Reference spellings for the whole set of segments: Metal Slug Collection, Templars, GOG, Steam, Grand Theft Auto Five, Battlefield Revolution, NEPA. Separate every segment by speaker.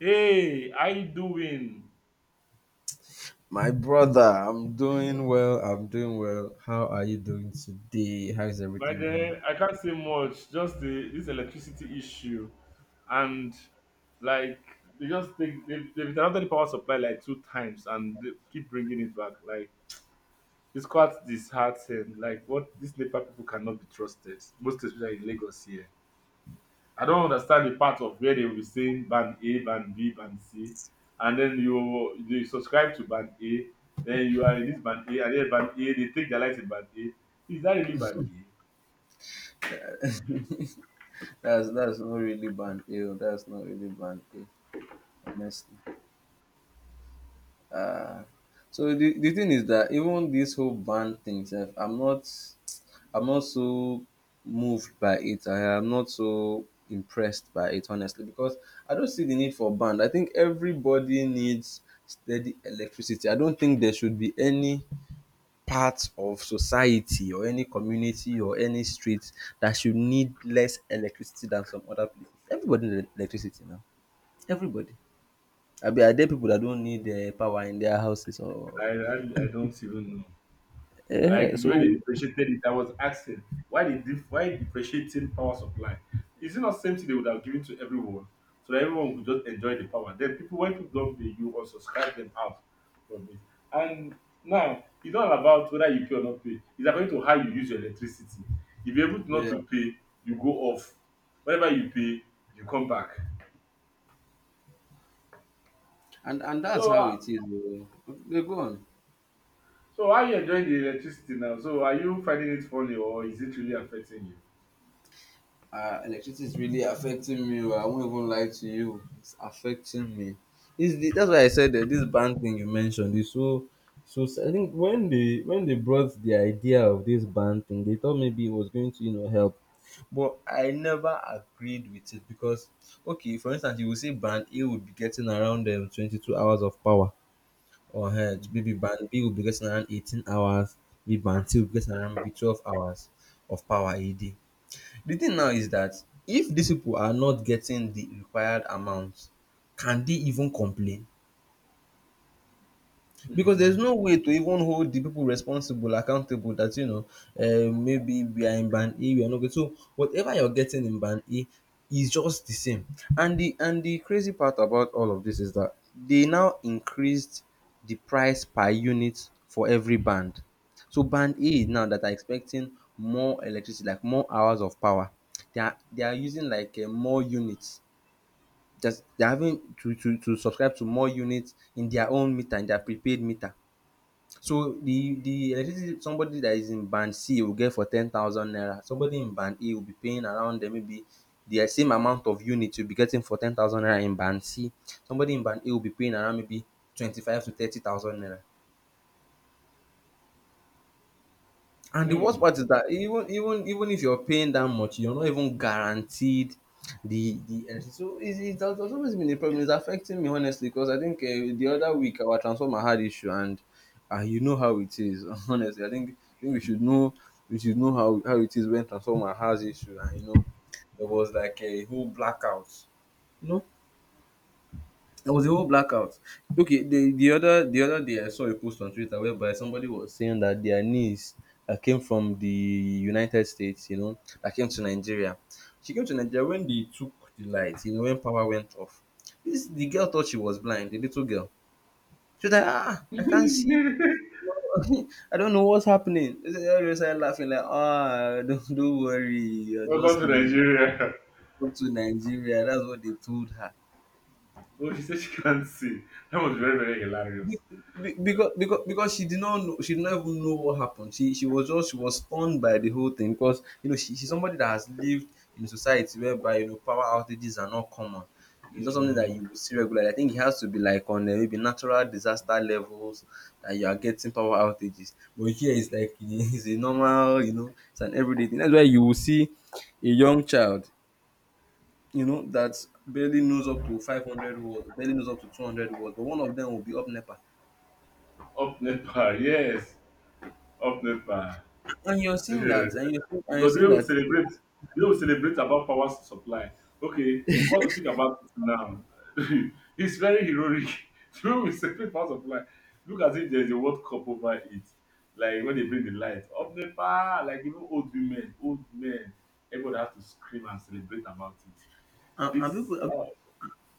Speaker 1: Hey, how you doing?
Speaker 2: My brother, I'm doing well. I'm doing well. How are you doing today? How is
Speaker 1: By
Speaker 2: everything going?
Speaker 1: then, I can't say much. Just the this electricity issue, and like they just take they've interrupted the power supply like two times and they keep bringing it back. Like it's quite disheartening. Like what these NEPA people cannot be trusted, most especially in Lagos here. I don't understand the part of where they will be saying band A, band B, band C, and then you subscribe to band A, then you are in this band A, and then band A, they take their life in band A. Is that really band A?
Speaker 2: That's not really band ill. That's not really band ill, honestly. Uh so the thing is that even this whole band thing, sef, I'm not so moved by it. I am not so impressed by it, honestly, because I don't see the need for band. I think everybody needs steady electricity. I don't think there should be any part of society or any community or any street that should need less electricity than some other places. Everybody need electricity now. Everybody. I Abi, are there people that don't need power in their houses,
Speaker 1: I,
Speaker 2: or
Speaker 1: I, I don't even know. Like the way they
Speaker 2: we,
Speaker 1: differentiated it, I was asking why differentiating power supply? Is it not same thing they would have given to everyone so that everyone would just enjoy the power? Then people when people don't pay you or subscribe them out from it. And now it's not about whether you pay or not pay. It's according to how you use your electricity. If you're able to not
Speaker 2: yeah,
Speaker 1: to pay, you go off. Whenever you pay, you come back.
Speaker 2: and that's
Speaker 1: So
Speaker 2: how
Speaker 1: uh,
Speaker 2: it is oo. Okay, go on.
Speaker 1: so how you enjoying the electricity now? So are you finding it funny or is it really affecting you?
Speaker 2: Electricity is really affecting me. Oh, I won't even lie to you. It's affecting me. That's why I said that this ban thing you mentioned is so so. I think when they brought the idea of this ban thing, they thought maybe it was going to help, but I never agreed with it. Because okay, for instance, you will say ban A would be getting around 22 hours of power, or
Speaker 1: Mm-hmm.
Speaker 2: maybe ban B will be getting around 18 hours, maybe ban C will be getting around maybe 12 hours of power a day. The thing now is that if these people are not getting the required amount, can they even complain? Because there's no way to even hold the people responsible, accountable, that, you know, maybe we are in band A, we are not good. So whatever you're getting in band A is just the same. And the crazy part about all of this is that they now increased the price per unit for every band. So band A now, that are expecting more electricity, like more hours of power, they are using like more units. Just they're having to, to subscribe to more units in their own meter, in their prepaid meter. So the electricity somebody that is in band C will get for 10,000 naira. Somebody in band A will be paying around maybe the same amount of unit you'll be getting for 10,000 naira in band C. Somebody in band A will be paying around maybe 25 to 30,000 naira. And the
Speaker 1: Mm.
Speaker 2: worst part is that even if you're paying that much, you're not even guaranteed the energy. So it has always been a problem. It's affecting me, honestly, because I think, the other week our transformer had issue, and, you know how it is. Honestly, I think we should know how it is when transformer has issue, and you know there was like a whole blackout. You know, there was a whole blackout. Okay, the other day I saw a post on Twitter whereby somebody was saying that their niece that came from the United States, you know, that came to Nigeria. She came to Nigeria when they took the light, you know, when power went off. This the girl thought she was blind, the little girl. She was like, ah, I can't see.
Speaker 1: Welcome
Speaker 2: I don't know what's happening. They everybody started laughing like, ah, don't worry, you're just
Speaker 1: to
Speaker 2: new.
Speaker 1: Nigeria.
Speaker 2: Come to Nigeria. That's what they told her.
Speaker 1: Oh, she said she can't see. That was very, very
Speaker 2: Be-
Speaker 1: hilarious.
Speaker 2: because she did not know, she did not even know what happened. She was just, she was stunned by the whole thing, because you know she's somebody that has lived in society whereby, you know, power outages are not common. It's not something
Speaker 1: Mm.
Speaker 2: that you will see regularly. I think it has to be like on, maybe natural disaster levels, that you are getting power outages. But here it's like, it's a normal, you know, it's an everyday thing. That's why you will see a young child, you know, that barely knows up to 500 words, barely knows up to 200 words, but one of them will be up NEPA.
Speaker 1: Up NEPA, yes. Up NEPA.
Speaker 2: And you're seeing that,
Speaker 1: Because
Speaker 2: and you're
Speaker 1: the
Speaker 2: saying
Speaker 1: way we
Speaker 2: that.
Speaker 1: celebrate, the way we celebrate about power supply, okay, come to think about it now, it's very heroic. The way we celebrate power supply, look as if there's a World Cup over it. Like when they bring the light, up the power, like even old women, old men, everybody has to scream and celebrate about it.
Speaker 2: and, and
Speaker 1: This,
Speaker 2: people and
Speaker 1: uh,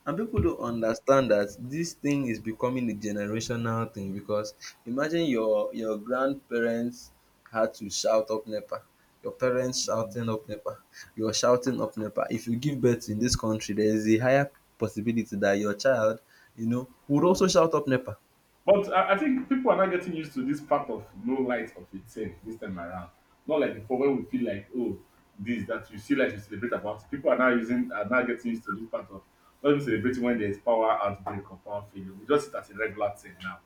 Speaker 2: and people don't understand that this thing is becoming a generational thing, because imagine your grandparents had to shout up NEPA, your parents shouting up NEPA, you're shouting up NEPA. If you give birth in this country, there is a higher possibility that your child, you know, would also shout up NEPA.
Speaker 1: But I think people are not getting used to this part of no light of it thing this time around. Not like before when we feel like, oh, this that you see light, you celebrate about. It. People are now using are now getting used to this part of not even celebrating when there's power outbreak or power failure. We just see it as a regular thing now.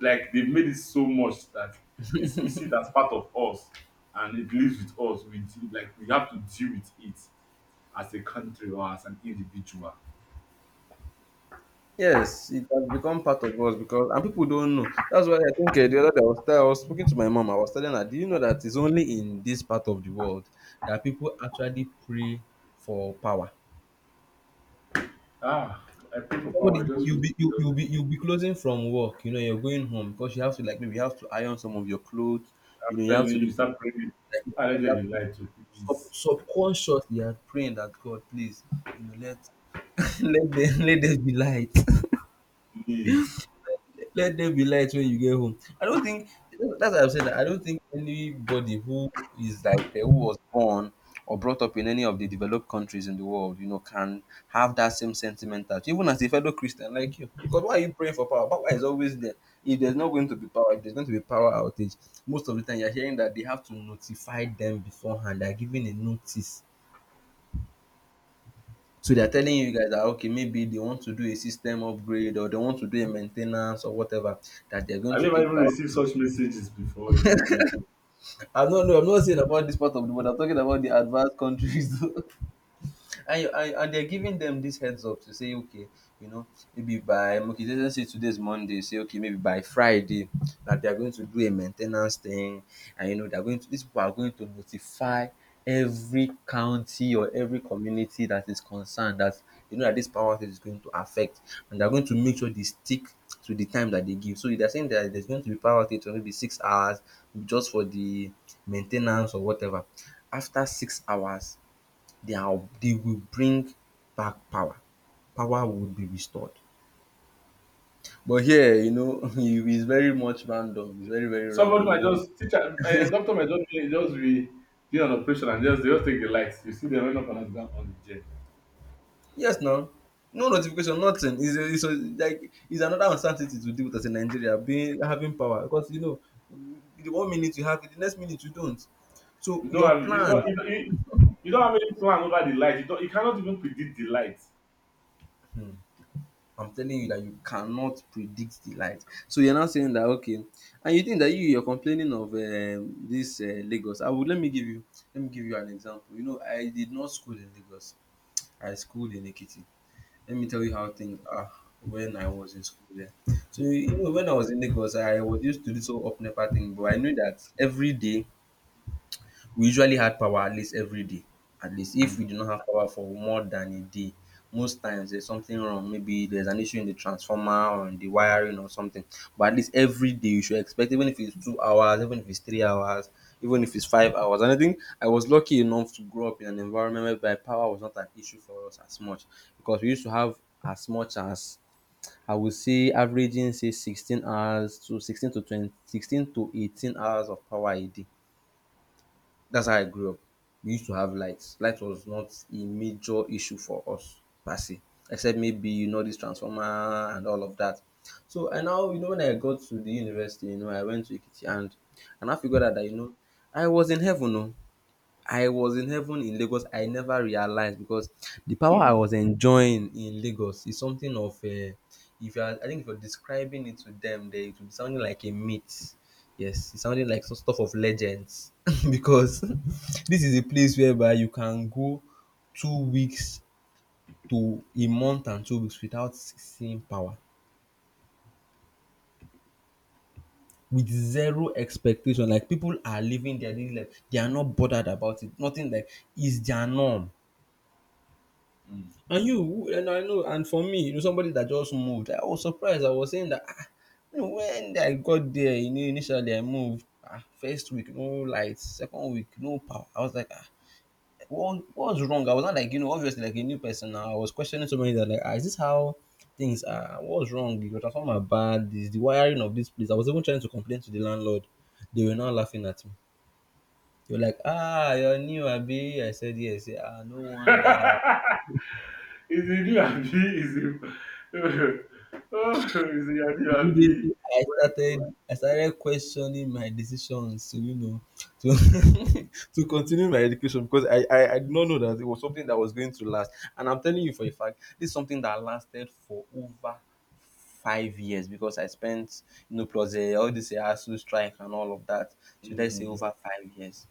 Speaker 1: Like they've made it so much that it's, we see it as part of us and it lives with us. Like we have to deal with it as a country or as an individual.
Speaker 2: Yes, it has become part of us, because, and people don't know. That's why I think, the other day I was, I was speaking to my mom. I was telling her, "Do you know that it's only in this part of the world that people actually pray for power?"
Speaker 1: Ah, I pray for
Speaker 2: Somebody,
Speaker 1: power. I
Speaker 2: you,
Speaker 1: just
Speaker 2: you'll
Speaker 1: wish.
Speaker 2: be you, you'll be you'll be closing from work. You know, you're going home because you have to, like, maybe you have to iron some of your clothes. You know, you
Speaker 1: Then
Speaker 2: have to do
Speaker 1: you start praying.
Speaker 2: like
Speaker 1: I let them
Speaker 2: that.
Speaker 1: be lied to.
Speaker 2: Sub,
Speaker 1: Please,
Speaker 2: subconsciously, you are praying that, God, please, you know, let let there be light.
Speaker 1: please.
Speaker 2: Let there be light when you get home. I don't think, that's what I am saying. I don't think anybody who is like, who was born or brought up in any of the developed countries in the world, you know, can have that same sentiment, that, even as a fellow Christian like you. Because why are you praying for power? Power is always there. If there's not going to be power, if there's going to be power outage, most of the time you're hearing that they have to notify them beforehand. They're giving a notice. So they're telling you guys that okay, maybe they want to do a system upgrade, or they want to do a maintenance or whatever, that they're going
Speaker 1: Have you
Speaker 2: to
Speaker 1: ever
Speaker 2: take
Speaker 1: even
Speaker 2: power.
Speaker 1: received such messages before in Nigeria?
Speaker 2: I'm not no, I'm not saying about this part of the world. I'm talking about the advanced countries. And you and they're giving them this heads up, to say okay, you know, maybe by, okay, let's just say today's Monday, say okay, maybe by Friday that they're going to do a maintenance thing. And you know they're going to these people are going to notify every county or every community that is concerned, that, you know, that this power outage is going to affect. And they're going to make sure they stick to the time that they give. So they're saying that there's going to be power outage for maybe 6 hours just for the maintenance or whatever. After 6 hours, they will bring back power. Power will be restored. But here, you know, it's very much random. It's very, very
Speaker 1: Somebody
Speaker 2: random, you
Speaker 1: might
Speaker 2: know.
Speaker 1: just teacher, doctor might just be doing an operation and just they just take the lights. You see them run up and down on the jet.
Speaker 2: Yes, now. No notification, nothing. It's a, like it's another uncertainty to deal with, as a Nigeria, being having power, because you know the one minute you have it, the next minute you don't. So
Speaker 1: You don't
Speaker 2: your
Speaker 1: have you
Speaker 2: plan,
Speaker 1: don't you, don't- you, you don't have any plan over the light. You cannot even predict the light.
Speaker 2: I'm telling you that you cannot predict the light. So you're now saying that okay, and you think that you're complaining of, this, Lagos. I would Let me give you an example. You know, I did not school in Lagos. I schooled in Ekiti. Let me tell you how things are when I was in school there. So you know, when I was in Lagos, I was used to this whole up NEPA thing, but I knew that every day we usually had power, at least every day. At least, if we do not have power for more than a day, most times there's something wrong. Maybe there's an issue in the transformer or in the wiring or something. But at least every day you should expect, even if it's 2 hours, even if it's 3 hours, even if it's 5 hours. And I think I was lucky enough to grow up in an environment whereby power was not an issue for us as much, because we used to have, as much as, I would say averaging, say, 16 hours to 16 to 20, 16 to 18 hours of power a day. That's how I grew up. We used to have lights. Light was not a major issue for us per se, except maybe you know this transformer and all of that. So I now, you know, when I got to the university, you know, I went to Ikiti, and I now figured out that, you know, I was in heaven. Oh. I was in heaven in Lagos. I never realized, because the power I was enjoying in Lagos is something of a. If you are, I think if you're describing it to them, they it would be sounding like a myth. Yes, it sounded like some stuff of legends because this is a place whereby you can go 2 weeks to a month and 2 weeks without seeing power with zero expectation. Like people are living their daily life, they are not bothered about it. Nothing like is their norm.
Speaker 1: Mm.
Speaker 2: And you, and I know, and for me, somebody that just moved, I was surprised. I was saying that, when I got there, initially I moved, first week, no lights, second week, no power. I was like, what's wrong? I was not like, obviously like a new person now. I was questioning somebody that, like, is this how things are? What's wrong? The transformer bad, is the wiring of this place. I was even trying to complain to the landlord. They were now laughing at me. They were like, you're new, Abby. I said, yes. Ah, no wonder.
Speaker 1: Is it you abi? Is it oh is it you abi?
Speaker 2: Immediately
Speaker 1: Welcome.
Speaker 2: I started questioning my decisions to to to continue my education because I did not know that it was something that was going to last. And I'm telling you for a fact, this is something that lasted for over 5 years because I spent plus all this ASU strike and all of that. So let's say
Speaker 1: Mm.
Speaker 2: over 5 years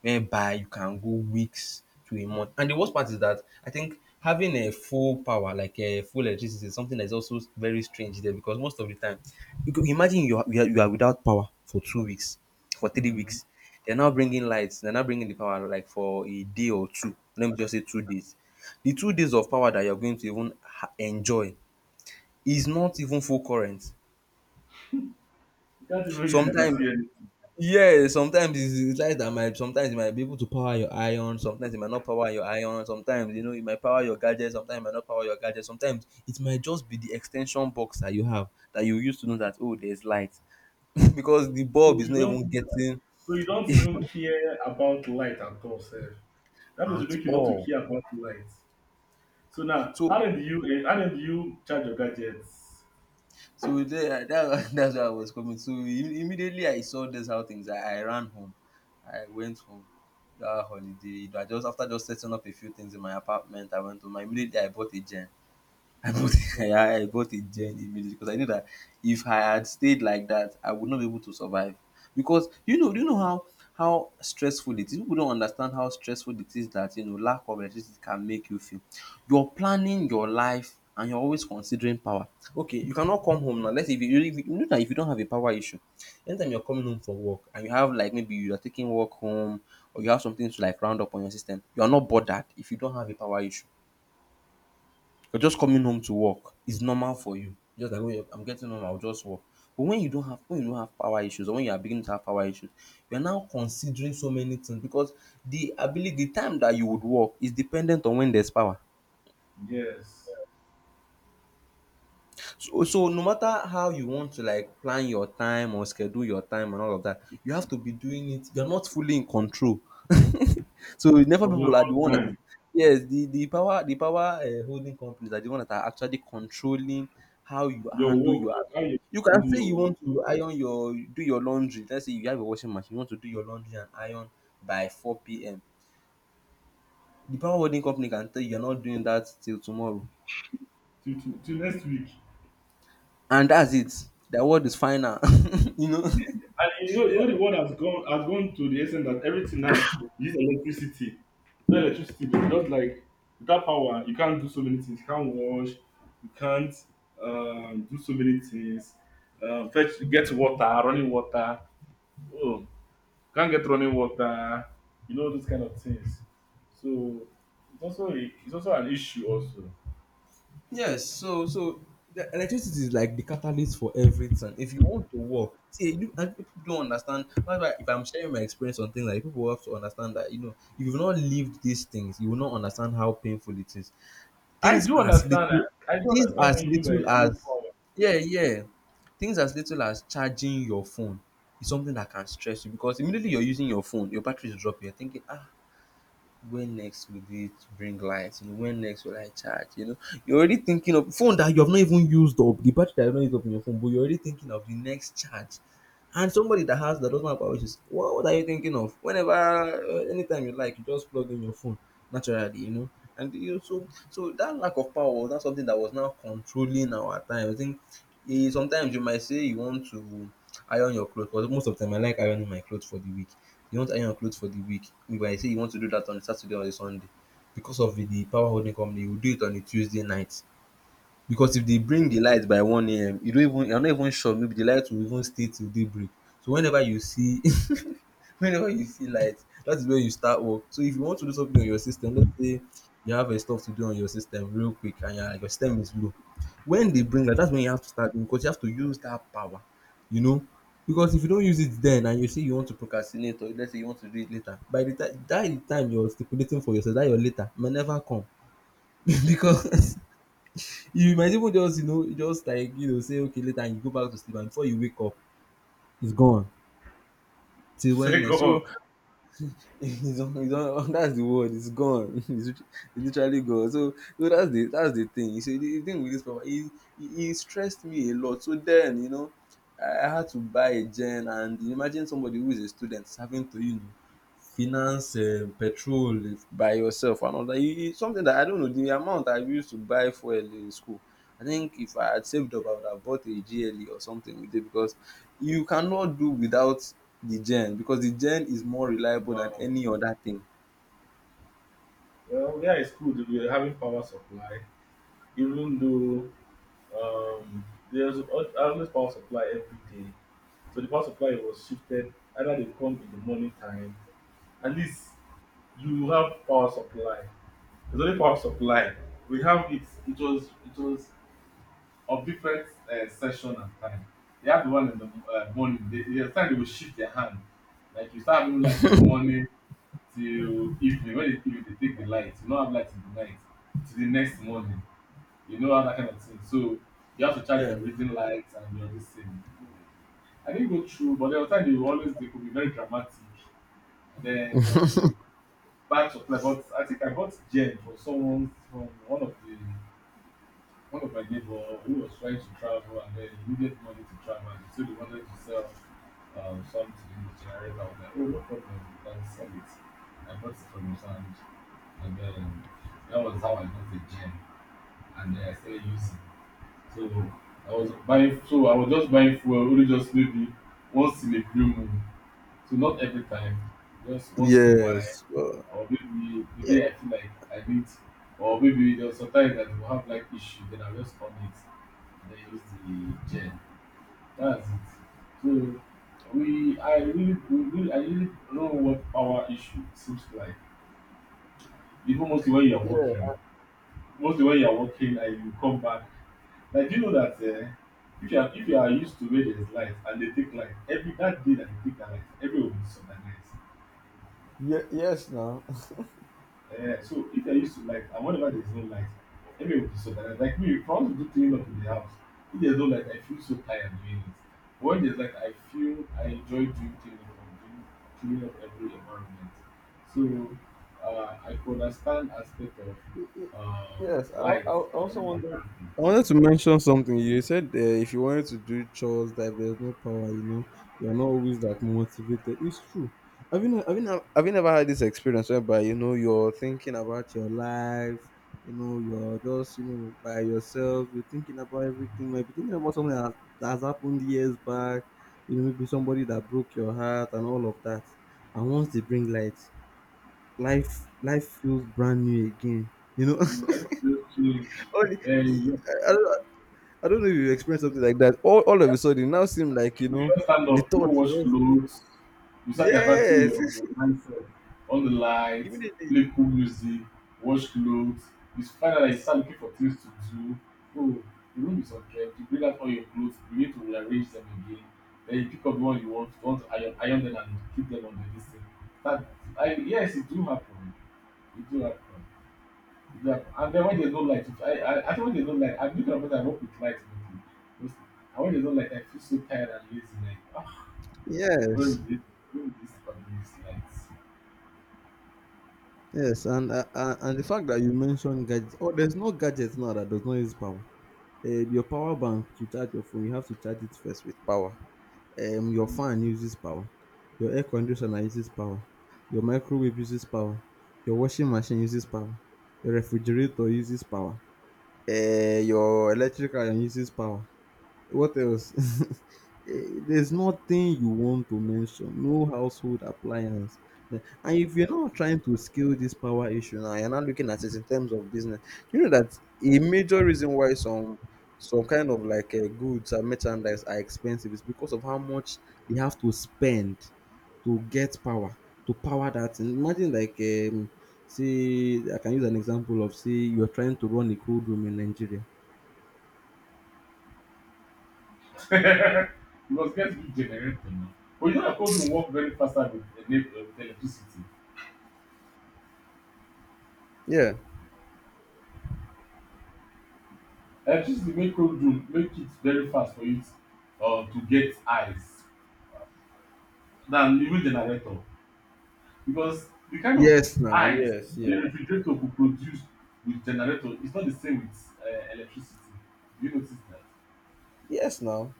Speaker 2: whereby you can go weeks to a month. And the worst part is that I think having a full power, like a full electricity, is something that is also very strange there because most of the time, you could imagine you are without power for 2 weeks, for three
Speaker 1: Mm-hmm.
Speaker 2: weeks. They're now bringing lights, they're now bringing the power like for a day or two. Let me just say 2 days. The 2 days of power that you're going to even enjoy is not even full current.
Speaker 1: You can't even use it to
Speaker 2: Sometimes.
Speaker 1: see eh?
Speaker 2: Yeah, sometimes it's light that might, sometimes you might be able to power your iron, sometimes it might not power your iron, sometimes you know it might power your gadget, sometimes it might not power your gadget, sometimes it might just be the extension box that you have that you use to know that oh there's light because the
Speaker 1: So
Speaker 2: bulb is
Speaker 1: you
Speaker 2: not
Speaker 1: don't
Speaker 2: even getting
Speaker 1: so you don't even care about light at all, sir. That means you
Speaker 2: at
Speaker 1: make you not to
Speaker 2: all.
Speaker 1: care about light. So now,
Speaker 2: So
Speaker 1: how did you charge your gadgets?
Speaker 2: so there, that, that's where I was coming. So immediately I saw this how things I ran home. I went home that holiday. I just after just setting up a few things in my apartment, I went home. Immediately I bought a gen. I bought
Speaker 1: Your-
Speaker 2: yeah, I bought a gen immediately because I knew that if I had stayed like that, I would not be able to survive. Because you know, do you know how stressful it is? People don't understand how stressful it is that you know lack of electricity can make you feel. You're planning your life and you're always considering power. Okay, you cannot come home now. Let's say if you you know that if you don't have a power issue, anytime you're coming home from work and you have like maybe you are taking work home or you have something to like round up on your system, you are not bothered if you don't have a power issue. You're just coming home to work. It's normal for you. You're just like, "Oh, yeah, I'm getting home, I'll just work." But when you don't have power issues or when you are beginning to have power issues, you are now considering so many things because the ability, the time that you would work is dependent on when there's power.
Speaker 1: Yes.
Speaker 2: So so no matter how you want to like plan your time or schedule your time and all of that, you have to be doing it you're not fully in control. So never
Speaker 1: Of your
Speaker 2: people are the
Speaker 1: own
Speaker 2: one that is,
Speaker 1: time,
Speaker 2: yes, the power, holding companies are the one that are actually controlling how you
Speaker 1: your
Speaker 2: handle your
Speaker 1: work, how
Speaker 2: affairs.
Speaker 1: you
Speaker 2: You can
Speaker 1: handle
Speaker 2: say
Speaker 1: your
Speaker 2: you
Speaker 1: work.
Speaker 2: want to iron your do your laundry, let's say you have a washing machine, you want to do your laundry and iron by four PM. The power holding company can tell you you're not doing that till tomorrow
Speaker 1: Till next week.
Speaker 2: and that's it. The word is final, you know.
Speaker 1: And you know the world has gone to the extent that everything now uses electricity. No electricity, but just like without power, you can't do so many things. You can't wash, you can't do so many things. Fetch, get water, running water. Oh, can't get running water. You know those kind of things. So it's it's also an issue. Also,
Speaker 2: Yes, so so the electricity is like the catalyst for everything. If you want to work, see you and people don't understand. That's why if I'm sharing my experience on things like that, people have to understand that you know if you've not lived these things, you will not understand how painful it is.
Speaker 1: I
Speaker 2: Things
Speaker 1: do
Speaker 2: as
Speaker 1: understand.
Speaker 2: little,
Speaker 1: I do
Speaker 2: things
Speaker 1: understand
Speaker 2: as
Speaker 1: what you mean
Speaker 2: little
Speaker 1: by low
Speaker 2: as,
Speaker 1: power.
Speaker 2: yeah yeah, things as little as charging your phone is something that can stress you because immediately you're using your phone, your battery is dropping. You're thinking ah when next will it bring light? You know, when next will I charge? You know, you're already thinking of phone that you have not even used up, the battery that you have not used up in your phone, but you're already thinking of the next charge. And somebody that has that doesn't have power issues, what are you thinking of? Whenever, anytime you like, you just plug in your phone naturally, you know. And you so so that lack of power was not something that was now controlling our time. I think sometimes you might say you want to iron your clothes, but most of the time I like ironing my clothes for the week, you want to iron your clothes for the week. You I say you want to do that on a Saturday or a Sunday. Because of the power holding company, you will do it on a Tuesday night. Because if they bring the light by one AM, you don't even you're not even sure maybe the light will even stay till daybreak. So whenever you see whenever you see light, that is where you start work. So if you want to do something on your system, let's say you have a stuff to do on your system real quick and your system is low, when they bring light, that's when you have to start doing because you have to use that power, you know. Because if you don't use it then and you say you want to procrastinate or let's say you want to do it later, by the time that is the time you're stipulating for yourself, that your later may never come because you might even just, just like, say, okay, later, and you go back to sleep, and before you wake up, it's gone till when next.
Speaker 1: Second,
Speaker 2: So, that's the word. It's gone. It's literally gone. So, so that's the thing. You see, the thing with this papa, he stressed me a lot. So then, you know, I had to buy a gen, and you imagine somebody who is a student having to, you know, finance petrol by yourself and all that. You- It's something that I don't know. The amount I used to buy fuel in school, I think if I had saved up, I would have bought a GLE or something with it because you cannot do without the gen because the gen is more reliable than
Speaker 1: wow.
Speaker 2: any other thing.
Speaker 1: Well, yeah, it's good. We're having power supply, even though um, there's always power supply every day. So the power supply was shifted. Either they come in the morning time, at least you have power supply. There's only power supply. We have it. It was of different session and time. They have the one in the morning. They, there's time they will shift their hand. Like you start having light in the morning, till evening when they if they take the light you don't have light in the night till the next morning, you know, all that kind of thing. So you have to charge your
Speaker 2: Yeah.
Speaker 1: reading lights and your this thing. I didn't go through, but there was time they were always they could be very dramatic, and then there will be bad supply. But I think I bought gem from someone from one of the one of my neighbor who was trying to travel, and then he needed money to travel, and so he wanted to sell something in the generator. I was like, oh no problem, you can sell it. I bought it from his hand. And then that was how I got the gem. And then I started using. So I was just buying fuel only just maybe once in a blue moon. So not every time, just once in a while.
Speaker 2: Yes.
Speaker 1: Or maybe the
Speaker 2: Yeah.
Speaker 1: day I feel like I need or maybe there's sometimes that will have like issue, then I'll just on it and then use the gem. That's it. So we I really, we really I really know what power issue seems like. Even mostly when you're
Speaker 2: Yeah.
Speaker 1: working, mostly when you are working and you come back, like do you know that if you are used to where there is light, and they take light, every that day that they take that light everywhere will be disorganized.
Speaker 2: Ye- yes. Now.
Speaker 1: Um, so if you are used to light and whenever there is no light, everywhere will be disorganized. Like me, if I want to do clean up in the house, if there is no light I feel so tired doing it, but when there is light I feel I enjoy doing clean up and doing clean up every environment. So uh, I could understand aspect of
Speaker 2: Y- y- yes,
Speaker 1: light
Speaker 2: I also
Speaker 1: around the
Speaker 2: wanted.
Speaker 1: environment.
Speaker 2: I wanted to mention something. You said if you wanted to do chores, that if there's no power, you know, you're not always like motivated. It's true. Have you never had this experience whereby, you know, you're thinking about your life, you know, you're just, you know, by yourself, you're thinking about everything, maybe thinking about that has happened years back, you know, maybe somebody that broke your heart and all of that. And once they bring light, life feels brand new again, you know.
Speaker 1: Absolutely.
Speaker 2: All the,
Speaker 1: Then
Speaker 2: I, I don't I don't know if you experienced something like that. All of a
Speaker 1: just
Speaker 2: sudden, it now seem like you
Speaker 1: you
Speaker 2: know
Speaker 1: just stand
Speaker 2: the
Speaker 1: up, no
Speaker 2: thoughts
Speaker 1: wash
Speaker 2: just,
Speaker 1: clothes. You start diverting
Speaker 2: yes,
Speaker 1: your mindset on the light,
Speaker 2: immediately
Speaker 1: play cool music, wash clothes. You find out that you start looking for things to do. Oh, the room is unkempt. You bring out all your clothes. You need to rearrange them again. Then you pick up the one you want to iron, iron them and keep them on the list. That, I, yes, it do happen. It do happen. Yeah, and then when there's no light, if I, I actually when there's no light, I'm looking at person I work with light mostly. And when there's no light, I feel so tired and lazy. Like, ah, where will
Speaker 2: yes,
Speaker 1: this, it? Where is this fucking use lights?
Speaker 2: yes, and the fact that you mentioned gadgets. Oh, there's no gadgets now that does not use power. Your power bank to charge your phone, you have to charge it first with power. Your fan uses power. Your air conditioner uses power. Your microwave uses power. Your washing machine uses power. Your refrigerator uses power. Your electric iron uses power. What else? Eh, there's nothing you want to mention. No household appliance. Eh, And if you're not trying to scale this power issue now, you're not looking at it in terms of business. You know that a major reason why some kind of like goods and merchandise are expensive is because of how much they have to spend to get power to power that, and imagine like say I can use an example of say you're trying to run a cold room in Nigeria.
Speaker 1: Mm. You must get good generator now. But you know that cold room work very faster with, with electricity.
Speaker 2: Yeah.
Speaker 1: Electricity make cold room make it very fast for you to get eyes than even generator. Because the kind of
Speaker 2: yes now
Speaker 1: eyes
Speaker 2: yes
Speaker 1: a
Speaker 2: yeah.
Speaker 1: refrigerator could produce with generator is not the same with electricity. Do you notice that?
Speaker 2: Yes, now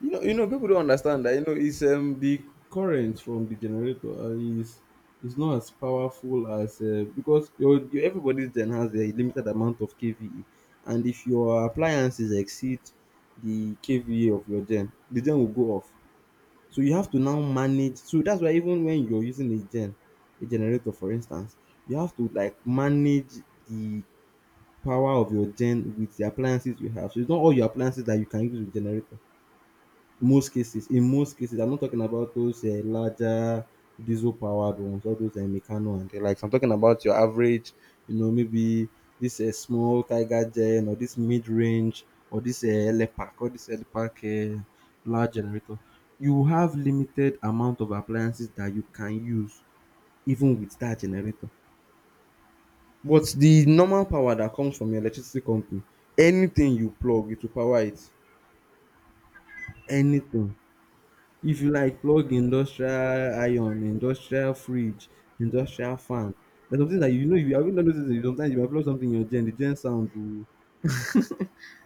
Speaker 2: you know people don't understand that, you know, it's the current from the generator is not as powerful as because your everybody's gen has a limited amount of kVA, and if your appliances exceed the kVA of your gen, the gen will go off. So you have to now manage. So that's why even when you're using a gen, a generator for instance, you have to like manage the power of your gen with the appliances you have. So it's not all your appliances that you can use with generator. Most cases, in most cases, I'm not talking about those larger diesel-powered ones, all those Meccano and the likes. I'm talking about your average, you know, maybe this small Tiger Gen or this mid-range or this LPAC, or this LPAC large generator. You have limited amount of appliances that you can use even with that generator. But the normal power that comes from your electricity company, anything you plug, it will power it. Anything. If you like plug industrial iron, industrial fridge, industrial fan, there's something that, you know, if you have you not noticed that sometimes you might plug something in your gen, the gen sound will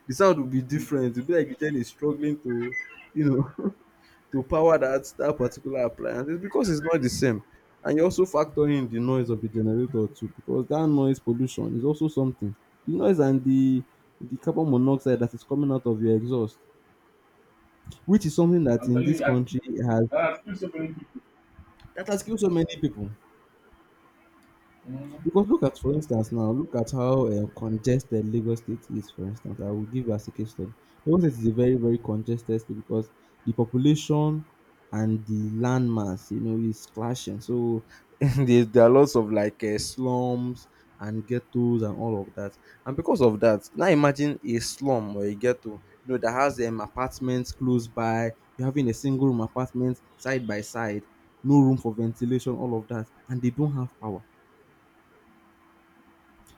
Speaker 2: the sound will be
Speaker 1: Mm.
Speaker 2: different. It'll be like the gen is struggling to, you know, to power that particular appliance. It's because it's not the same. And you also factor in the noise of the generator too, because that noise pollution is also something. The noise and the carbon monoxide that is coming out of your exhaust, which is something that
Speaker 1: I'm
Speaker 2: in
Speaker 1: telling
Speaker 2: this
Speaker 1: you,
Speaker 2: country has
Speaker 1: I think so many people.
Speaker 2: that has killed so many people.
Speaker 1: Mm.
Speaker 2: Because look at, for instance, now look at how congested Lagos State is. For instance, I will give you as a case study. Lagos State is a very, very congested state because the population and the landmass, you know, is clashing. So there are lots of like slums and ghettos and all of that. And because of that, now imagine a slum or a ghetto, you know, that has apartments close by. You're having a single room apartment side by side, no room for ventilation, all of that, and they don't have power,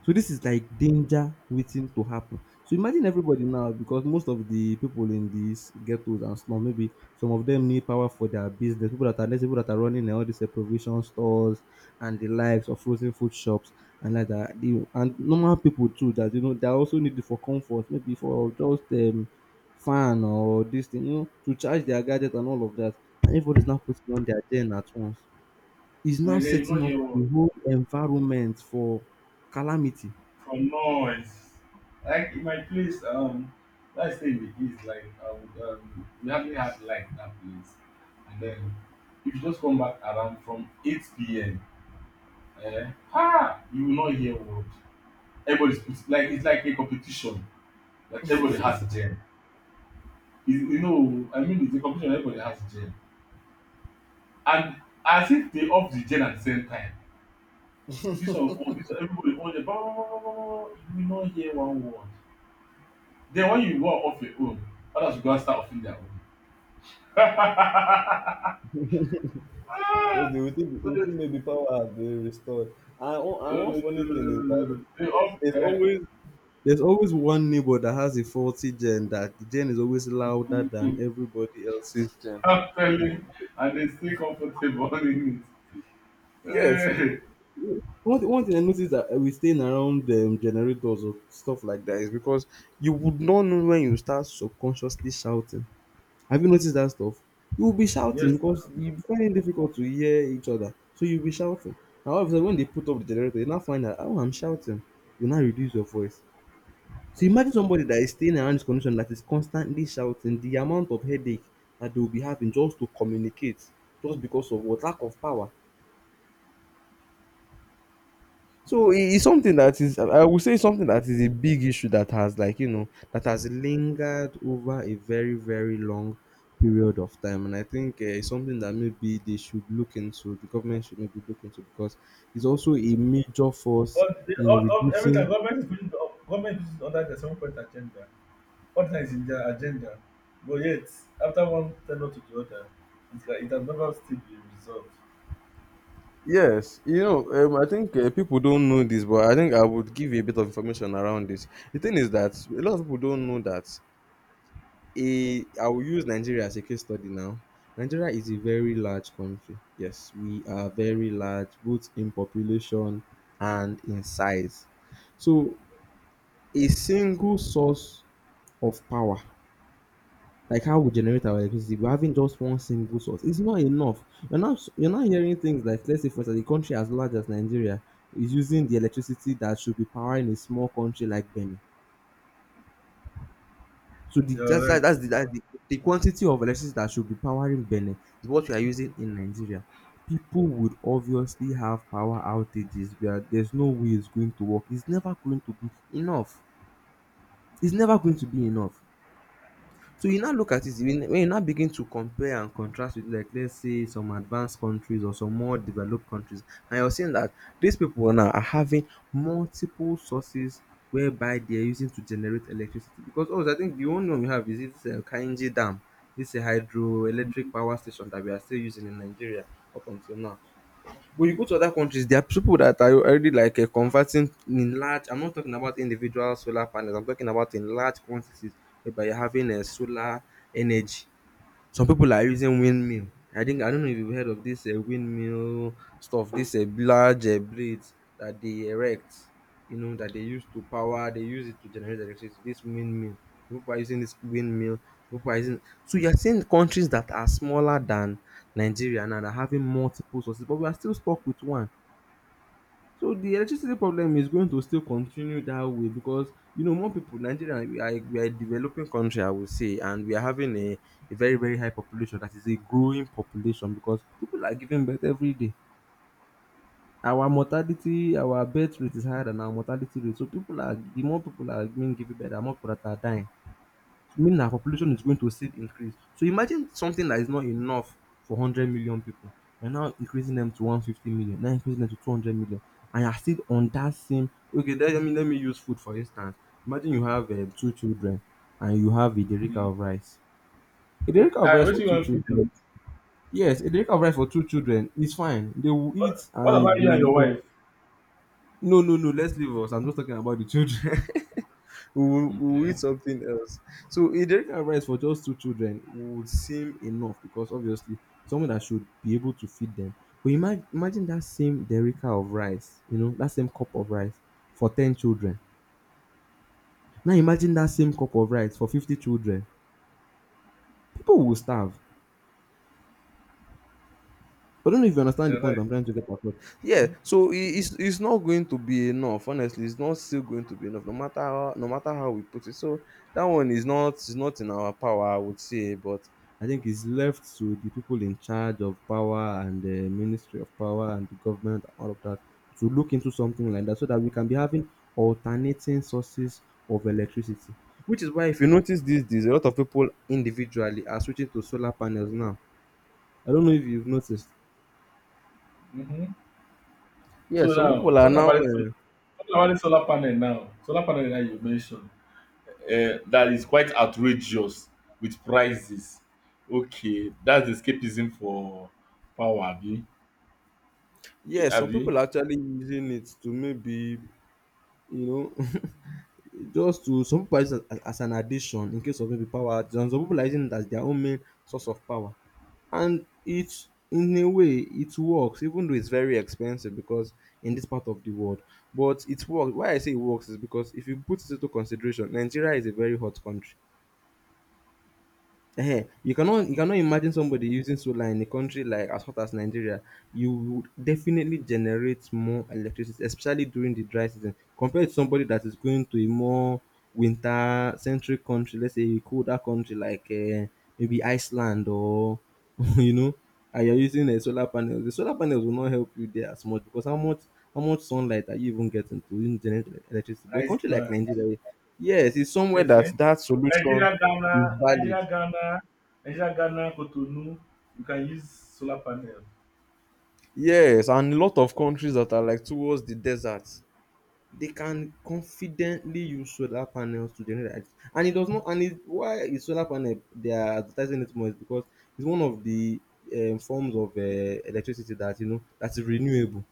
Speaker 2: so this is like danger waiting to happen. So imagine everybody now, because most of the people in these ghettos and slums, maybe some of them need power for their business. People that are, let's say people that are running all these provision stores and the likes of frozen food shops and like that. You and normal people too that, you know, they also need it for comfort, maybe for just fan or this thing, you know, to charge their gadget and all of that. And everybody's now putting on their gen at once. It's now
Speaker 1: And then you know
Speaker 2: setting up
Speaker 1: your
Speaker 2: the whole environment for calamity.
Speaker 1: from noise. Like in my place, let's say in the east, like we hardly had light in that place. And then if you just come back around from 8 p.m., ha, you will not hear word. Everybody's like it's like a competition. Like everybody has gen. You know, I mean, it's a competition. Everybody has gen, and as if they off the gen at the same time. This one, oh, this one, everybody on the ball. You will not hear one word. Then when you go off your own, others will go and start offing their own.
Speaker 2: Because
Speaker 1: So
Speaker 2: they will
Speaker 1: they,
Speaker 2: think maybe power has been restored. One- and one funny thing is that
Speaker 1: they off.
Speaker 2: there's
Speaker 1: Eh,
Speaker 2: always there's always one neighbor that has a faulty gen that the gen is always louder
Speaker 1: mm,
Speaker 2: than
Speaker 1: mm.
Speaker 2: everybody else's gen.
Speaker 1: I'm telling, and they stay comfortable in it.
Speaker 2: Yes.
Speaker 1: Eh.
Speaker 2: One thing I noticed that we staying around generators or stuff like that is because you would not know when you start subconsciously shouting. Have you noticed that stuff? You'll be
Speaker 1: Yes.
Speaker 2: shouting because you find it difficult to hear each other, so you'll be shouting. And all of a sudden, when they put up the generator, you now find that, oh, I'm shouting. You now reduce your voice. So imagine somebody that is staying around this condition that is constantly shouting. The amount of headache that they will be having just to communicate, just because of what, lack of power. So it's something that is, I would say, something that is a big issue that has, like, you know, that has lingered over a very, very long period of time. And I think it's something that maybe they should look into, the government should maybe look into, because it's also a major force in
Speaker 1: All, every time
Speaker 2: reducing.
Speaker 1: government is pushing, government is under the 7-point agenda. Partner is in their agenda, but yet, after one tenure to the other, it's like it has never still been resolved.
Speaker 2: Yes, you know, I think people don't know this, but I think I would give a bit of information around this. The thing is that a lot of people don't know that a I will use Nigeria as a case study now. Nigeria is a very large country. Yes, we are very large, both in population and in size. So a single source of power, like how we generate our electricity, but having just one single source is not enough. You're not hearing things like, let's say for instance, a country as large as Nigeria is using the electricity that should be powering a small country like Benin. So the
Speaker 1: You're right.
Speaker 2: that's the quantity of electricity that should be powering Benin is what we are using in Nigeria. People would obviously have power outages where there's no way it's going to work. It's never going to be enough. It's never going to be enough. So you now look at it when you now begin to compare and contrast with, like, let's say some advanced countries or some more developed countries, and you're seeing that these people now are having multiple sources whereby they're using to generate electricity, because oh, I think the only one we have is this Kainji Dam, this hydroelectric power station that we are still using in Nigeria up until now. But you go to other countries, there are people that are already like converting in large. I'm not talking about individual solar panels. I'm talking about in large quantities, whereby you're having a solar energy, some people are using windmill. I think, I don't know if you've heard of this windmill stuff. This large blades that they erect, you know, that they use to power. They use it to generate electricity. This windmill. Some people are using this windmill. Some people are using. So you're seeing countries that are smaller than Nigeria now that are having multiple sources, but we are still stuck with one. So the electricity problem is going to still continue that way, because, you know, more people, Nigeria we are a developing country, I would say, and we are having a very very high population that is a growing population, because people are giving birth every day. Our mortality, our birth rate is higher than our mortality rate. So people are, the more people are being given birth, the more people that are dying mean our population is going to still increase. So imagine something that is not enough for 100 million people. You're now increasing them to 150 million, now increasing them to 200 million, and you're still on that same. Okay, let me use food for instance. Imagine you have two children and you have a derrick
Speaker 1: Mm.
Speaker 2: of rice. A derrick of
Speaker 1: Now,
Speaker 2: rice
Speaker 1: what
Speaker 2: for
Speaker 1: you
Speaker 2: two
Speaker 1: want to feed.
Speaker 2: children. Yes, a derrick of rice for two children is fine. They will eat
Speaker 1: What
Speaker 2: and
Speaker 1: about you and
Speaker 2: the.
Speaker 1: your wife?
Speaker 2: No, no, no. Let's leave us. I'm not talking about the children. We will
Speaker 1: Okay.
Speaker 2: eat something else. So a jerry can of rice for just two children would seem enough, because obviously someone that should be able to feed them. But imagine, imagine that same derica of rice, you know, that same cup of rice for 10 children. Now imagine that same cup of rice for 50 children. People will starve. I don't know if you understand the
Speaker 1: You're
Speaker 2: point
Speaker 1: right.
Speaker 2: I'm trying to get across. Yeah, so it's not going to be enough. Honestly, it's not still going to be enough, no matter how, no matter how we put it. So that one is not in our power, I would say. But I think it's left to the people in charge of power and the Ministry of Power and the government and all of that to look into something like that, so that we can be having alternating sources of electricity. Which is why, if you notice these days, a lot of people individually are switching to solar panels now. I don't know if you've noticed.
Speaker 1: Mm-hmm.
Speaker 2: Yeah,
Speaker 1: So
Speaker 2: some
Speaker 1: now,
Speaker 2: people are
Speaker 1: talking
Speaker 2: now.
Speaker 1: about it, talking about the solar panel now. Solar panel that you mentioned. That is quite outrageous with prices. Okay, that's escapism for power, Abi. Eh,
Speaker 2: Yeah, some
Speaker 1: Abi.
Speaker 2: people are actually using it to maybe, you know, just to, some people are using it as an addition in case of maybe power outage, and some people are using it as their own main source of power. And it In a way it works, even though it's very expensive because in this part of the world. But it works. Why I say it works is because if you put it into consideration, Nigeria is a very hot country. You cannot imagine somebody using solar in a country like as hot as Nigeria. You would definitely generate more electricity, especially during the dry season, compared to somebody that is going to a more winter centric country, let's say a colder country like maybe Iceland or you know, and you're using a solar panel. The solar panels will not help you there as much because how much sunlight are you even getting to even generate electricity? But a country like
Speaker 1: Iceland.
Speaker 2: Nigeria, yes, it's somewhere
Speaker 1: Yes,
Speaker 2: that solution
Speaker 1: Nigeria, Ghana,
Speaker 2: is valid.
Speaker 1: Nigeria, Ghana, Nigeria, Ghana, Cotonou, you can use solar panel.
Speaker 2: Yes, and a lot of countries that are like towards the desert, they can confidently use solar panels to generate light. And it does not, and it, Why is solar panel they are advertising it more is because it's one of the forms of electricity that you know that is renewable.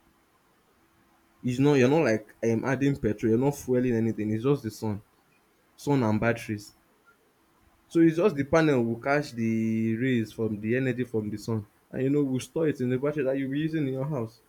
Speaker 2: It's not, you're not like adding petrol, you're not fueling anything. It's just the sun, sun and batteries. So it's just the panel will catch the rays from the energy from the sun, and you know will store it in the battery that you'll be using in your house.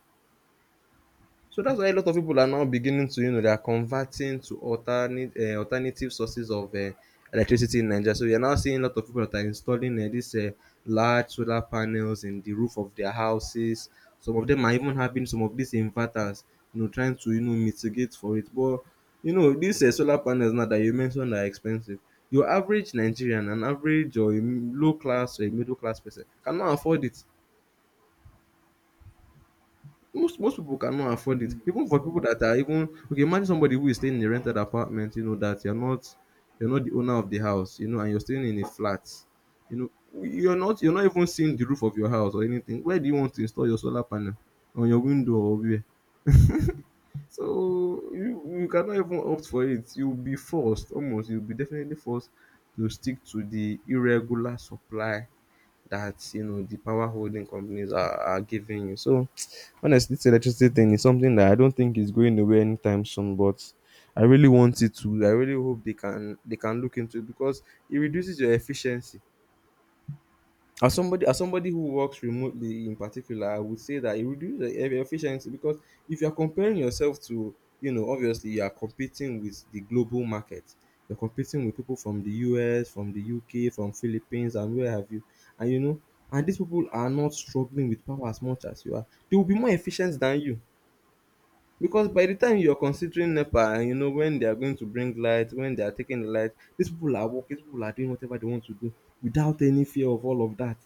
Speaker 2: So that's why a lot of people are now beginning to, you know, they are converting to alternate alternative sources of electricity in Nigeria. So you're now seeing a lot of people that are installing these large solar panels in the roof of their houses. Some of them are even having some of these inverters, you know, trying to, you know, mitigate for it. But, you know, these solar panels now that you mentioned are expensive. Your average Nigerian, an average or a low class or a middle class person cannot afford it, most people cannot
Speaker 1: i
Speaker 2: afford it. Even for people that are even okay, imagine somebody who is staying in a rented apartment, you know, that you're not the owner of the house, you know, and you're staying in a flat. You know, you're not even seeing the roof of your house or anything. Where do you want to install your solar panel? On your window or where? So you cannot even opt for it. You'll be forced almost, you'll be definitely forced to stick to the irregular supply that you know the power holding companies are giving you. So honestly, this electricity thing is something that I don't think is going away anytime soon, but I really want it to. I really hope they can look into it because it reduces your efficiency. As somebody who works remotely in particular, I would say that it reduces the efficiency because if you're comparing yourself to, you know, obviously you are competing with the global market. You're competing with people from the US, from the UK, from Philippines, and where have you. And you know, and these people are not struggling with power as much as you are. They will be more efficient than you. Because by the time you're considering NEPA and you know when they are going to bring light, when they are taking the light, these people are working, these people are doing whatever they want to do without any fear of all of that,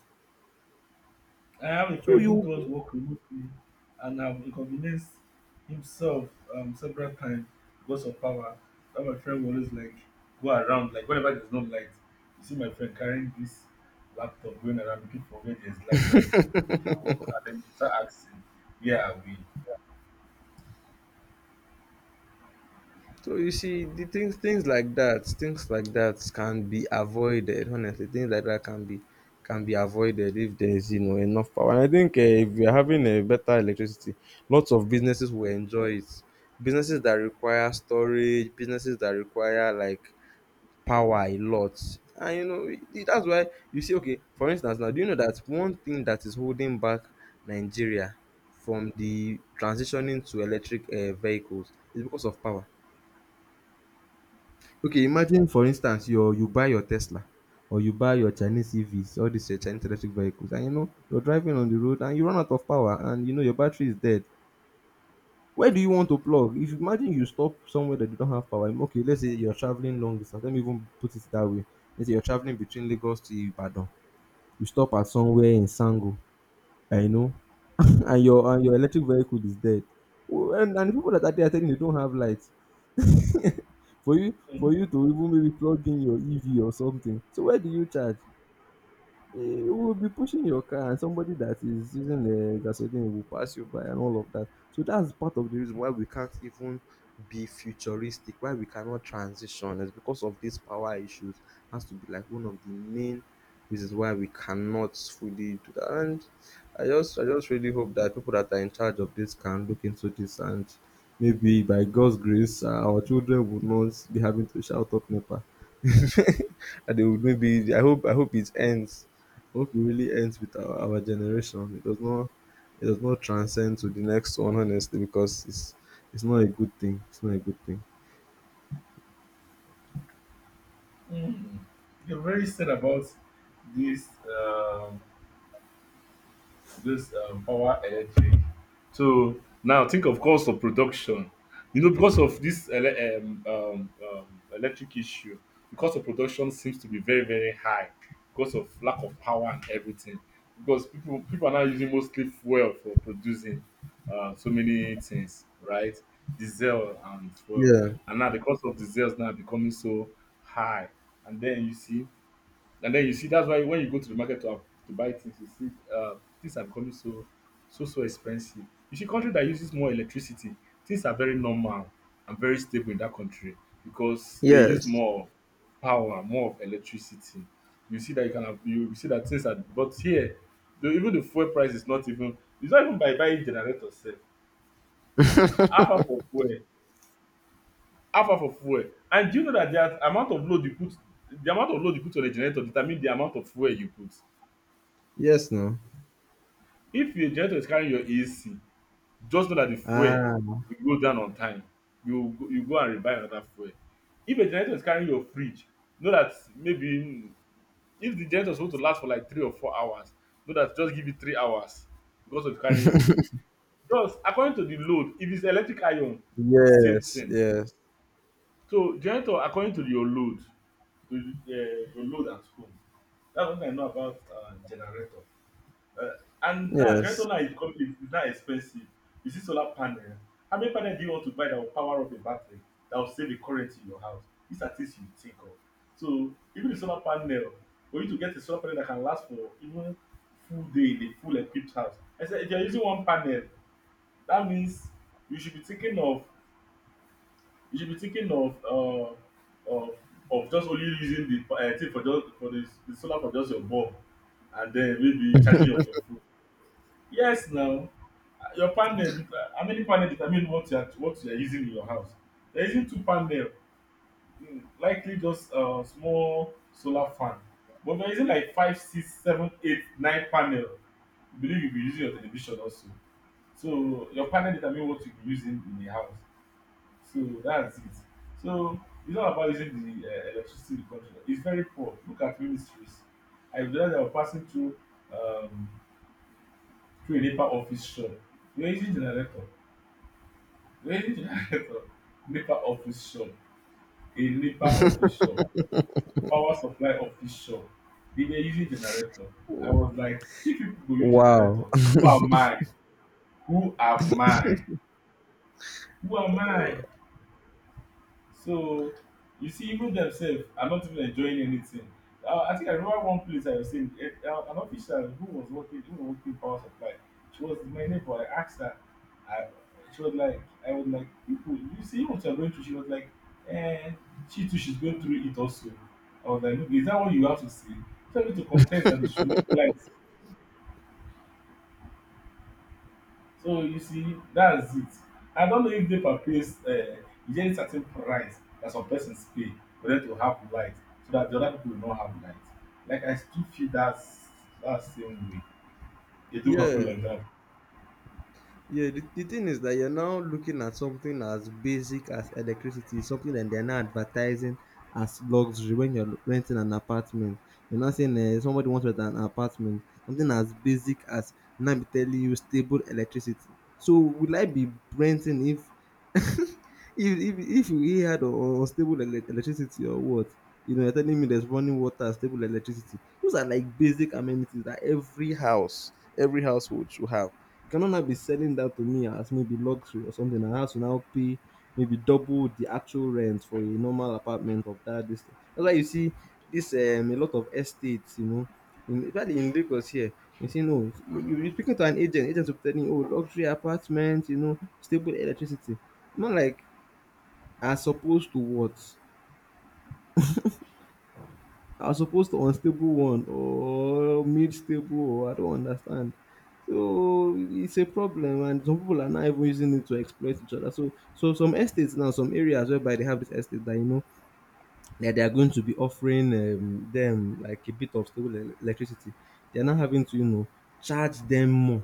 Speaker 1: I have a
Speaker 2: so
Speaker 1: friend who
Speaker 2: you
Speaker 1: does work remotely and have inconvenienced himself several times because of power. That my friend will always like go around, like whenever there's no light, you see my friend carrying this laptop going around looking for where there's light so that he can work. And then he start asking, where are we?
Speaker 2: so you see the things things like that, things like that can be avoided, honestly, things like that can be avoided if there's you know enough power. And I think if we're having a better electricity, lots of businesses will enjoy it. Businesses that require storage, businesses that require like power a lot. And you know, that's why you see, okay, for instance, now do you know that one thing that is holding back Nigeria from the transitioning to electric vehicles is because of power. Okay, imagine for instance, you buy your Tesla or you buy your Chinese EVs, all these Chinese electric vehicles, and you know you're driving on the road and you run out of power, and you know your battery is dead. Where do you want to plug? If you imagine you stop somewhere that you don't have power, okay, let's say you're traveling long distance. Let me even put it that way. Let's say you're traveling between Lagos to Ibadan. You stop at somewhere in Sango, I know, and your electric vehicle is dead. Well, and the people that are there are telling you they don't have light. for you for you to even maybe plug in your EV or something. So where do you charge? eh, you will be pushing your car and somebody that is using the gasoline will pass you by and all of that, so that's part of the reason why we can't even be futuristic, why we cannot transition is because of these power issues. Has to be like one of the main reasons why we cannot fully do that. And I just really hope that people that are in charge of this can look into this, and maybe by God's grace, our children will not be having to shout up NEPA and they would maybe, I hope it ends, hope it really ends with our generation. It does not transcend to the next one, honestly, because it's not a good thing. It's not a good thing.
Speaker 1: Mm. They're very sad about this. This power electric. So now think of cost of production. You know, because of this electric issue, the cost of production seems to be very very high because of lack of power and everything. Because people are now using mostly fuel for producing so many things, right? Diesel and fuel,
Speaker 2: Yeah.
Speaker 1: and now the cost of diesel is now becoming so high. And then you see and then you see that's why when you go to the market to buy things, you see things are becoming so expensive. You see country that uses more electricity, things are very normal and very stable in that country because they use
Speaker 2: Yes.
Speaker 1: more power, more of electricity. You see that things are but here the, even the fuel price is not even it's not even by buying generators. Sef. Half half of fuel, half half of fuel. And do you know that the amount of load you put on a generator determines the amount of fuel you put.
Speaker 2: Yes, no.
Speaker 1: If your generator is carrying your AC, just know that the fuel
Speaker 2: Ah,
Speaker 1: will go down on time. You go and rebuy another fuel. If a generator is carrying your fridge, know that if the generator is supposed to last for like 3 or 4 hours, know that just give it 3 hours because of carrying your fridge. Just according to the load, if it's electric iron, the same
Speaker 2: yes,
Speaker 1: thing.
Speaker 2: yes,
Speaker 1: So generator according to your load at home. That's what I know about generator. Uh, and that generator
Speaker 2: yes.
Speaker 1: now is becoming is now expensive. You see solar panel. How many panel do you want to buy that will power up a battery that will save the current in your house? These are things you think of. So even the solar panel, for you to get a solar panel that can last for even full day in a full equipped house. I said if you're using one panel, that means you should be thinking of you should be thinking of of of just only using the thing for just for the solar for just your bulb and then maybe charging your phone. Yes, now your how many panel determine what you are using in your house. If you are using two panel, mm, likely just small solar fan, but if you are using like five six seven eight nine panel, you believe you will be using your television also, so your panel determine what you be using in the house, so that's it. So it's not about using the electricity in the country, it's very poor. Look at ministries. I realize I was passing through um through a NEPA office shop. You're using generator. Range Director. NEPA office shop, a NEPA office shop, power supply office shop, they were using generator. I was like, if people go use generator,
Speaker 2: Wow.
Speaker 1: who am I? Who am I? Who am I? So you see, even themselves are not even enjoying anything. I think I remember one place I was saying an official who was working power supply. She was my neighbor. I asked her. I, she was like, I was like, people, you see what you're going through. She was like, eh, she too, she's going through it also. I was like, look, is that what you have to say? Tell me to contest that they should make light. So you see, that's it. I don't know if NEPA pays, is there a certain price that some persons pay for them to have light so that the other people will not have light. Like I still feel that's that same way. They do not put
Speaker 2: Yeah.
Speaker 1: like that.
Speaker 2: Yeah, the thing is that you're now looking at something as basic as electricity, something that they're now advertising as luxury when you're renting an apartment. You're not saying, somebody wants to rent an apartment, something as basic as now be telling you stable electricity. So will I be renting if if if we had unstable electricity or what? You know, you're telling me there's running water, stable electricity. Those are like basic amenities that every house, every household should have. You cannot now be selling that to me as maybe luxury or something. I have to now pay maybe double the actual rent for a normal apartment of that distance. That's why you see this a lot of estates, you know, in, especially in Lagos here. You see, no, you're speaking to an agent. Agents will be telling you, oh, luxury apartment, you know, stable electricity. I'm not like, as opposed to what? I was supposed to unstable one or mid stable or I don't understand. So it's a problem and some people are not even using it to exploit each other. So so some estates now, some areas whereby they have this estate that you know that they are going to be offering them like a bit of stable electricity. They are not having to, you know, charge them more.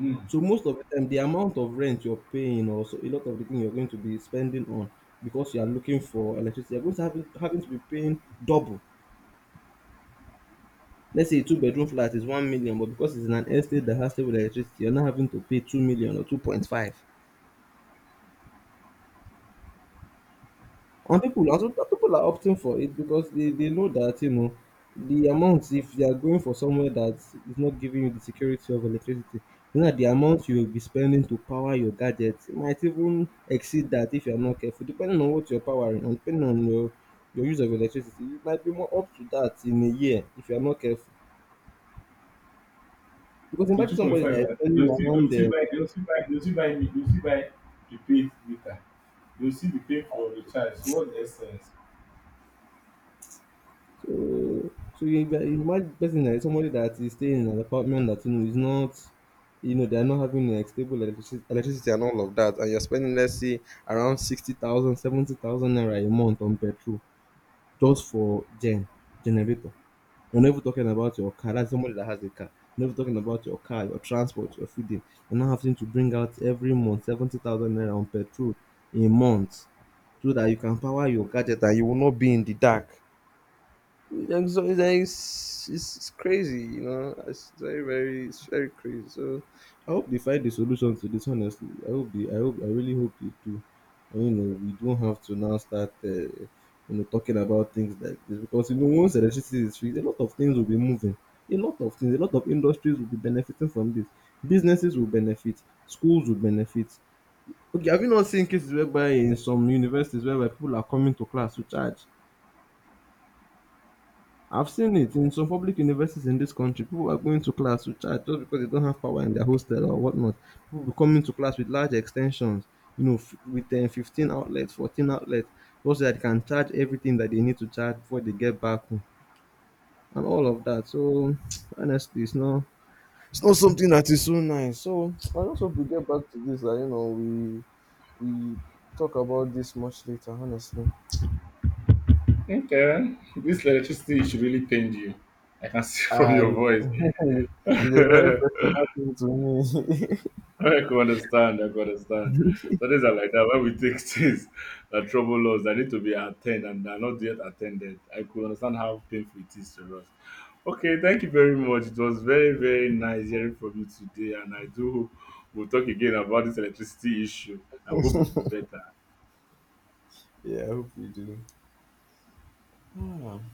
Speaker 1: Mm.
Speaker 2: So most of the time the amount of rent you're paying or so a lot of the thing you're going to be spending on because you are looking for electricity, you're going to have having to be paying double. Let's say a two-bedroom flat is 1,000,000, but because it's in an estate that has stable electricity, you're not having to pay two million or 2.5. And people are also, people are opting for it because they know that you know the amount, if you are going for somewhere that is not giving you the security of electricity, you know that the amount you will be spending to power your gadgets might even exceed that if you're not careful, depending on what you're powering and depending on your use of electricity. You might be more up to that in a year if you're not careful. Because
Speaker 1: The
Speaker 2: imagine
Speaker 1: two point
Speaker 2: somebody that
Speaker 1: five
Speaker 2: is spending
Speaker 1: they'll
Speaker 2: around
Speaker 1: still buy they'll still buy they'll still buy me they'll still buy prepaid meter. They'll still be paying for recharge. So what's the essence?
Speaker 2: So, you imagine person that is somebody that is staying in an apartment that you know is not, you know, they are not having a stable electricity, and all of that, and you're spending let's say around 60,000, 70,000 naira a month on petrol just for generator. You're not even talking about your car. That's somebody that has a car. You're not even talking about your car, your transport, your feeding. You're not having to bring out every month 70,000 naira on petrol a month so that you can power your gadget and you will not be in the dark. And so it's crazy, you know. It's it's very crazy. So, I hope they find the solution to this. Honestly, I really hope they do. And, you know, we don't have to now start, you know, talking about things like this because you know once electricity is free, a lot of things will be moving. A lot of industries will be benefiting from this. Businesses will benefit. Schools will benefit. Okay, have you not seen cases whereby in some universities whereby people are coming to class to charge? I've seen it in some public universities in this country. People are going to class to charge just because they don't have power in their hostel or whatnot. People will come into class with large extensions, you know, with 15 outlets, 14 outlets, just so that they can charge everything that they need to charge before they get back home and all of that. So, honestly, it's not. It's not something that is so nice. So I just hope we get back to this. You know, we talk about this much later. Honestly,
Speaker 1: Okay, this electricity issue really pained you. I can see from
Speaker 2: I
Speaker 1: your voice.
Speaker 2: it's a very personal thing to me.
Speaker 1: I can understand. I can understand. So things are like that. When we take things that trouble us, that need to be attended and are not yet attended. I could understand how painful it is to us. Okay, thank you very much. It was very, very nice hearing from you today, and I do hope we'll talk again about this electricity issue. I hope it will be better.
Speaker 2: Yeah, I hope you do. Ah,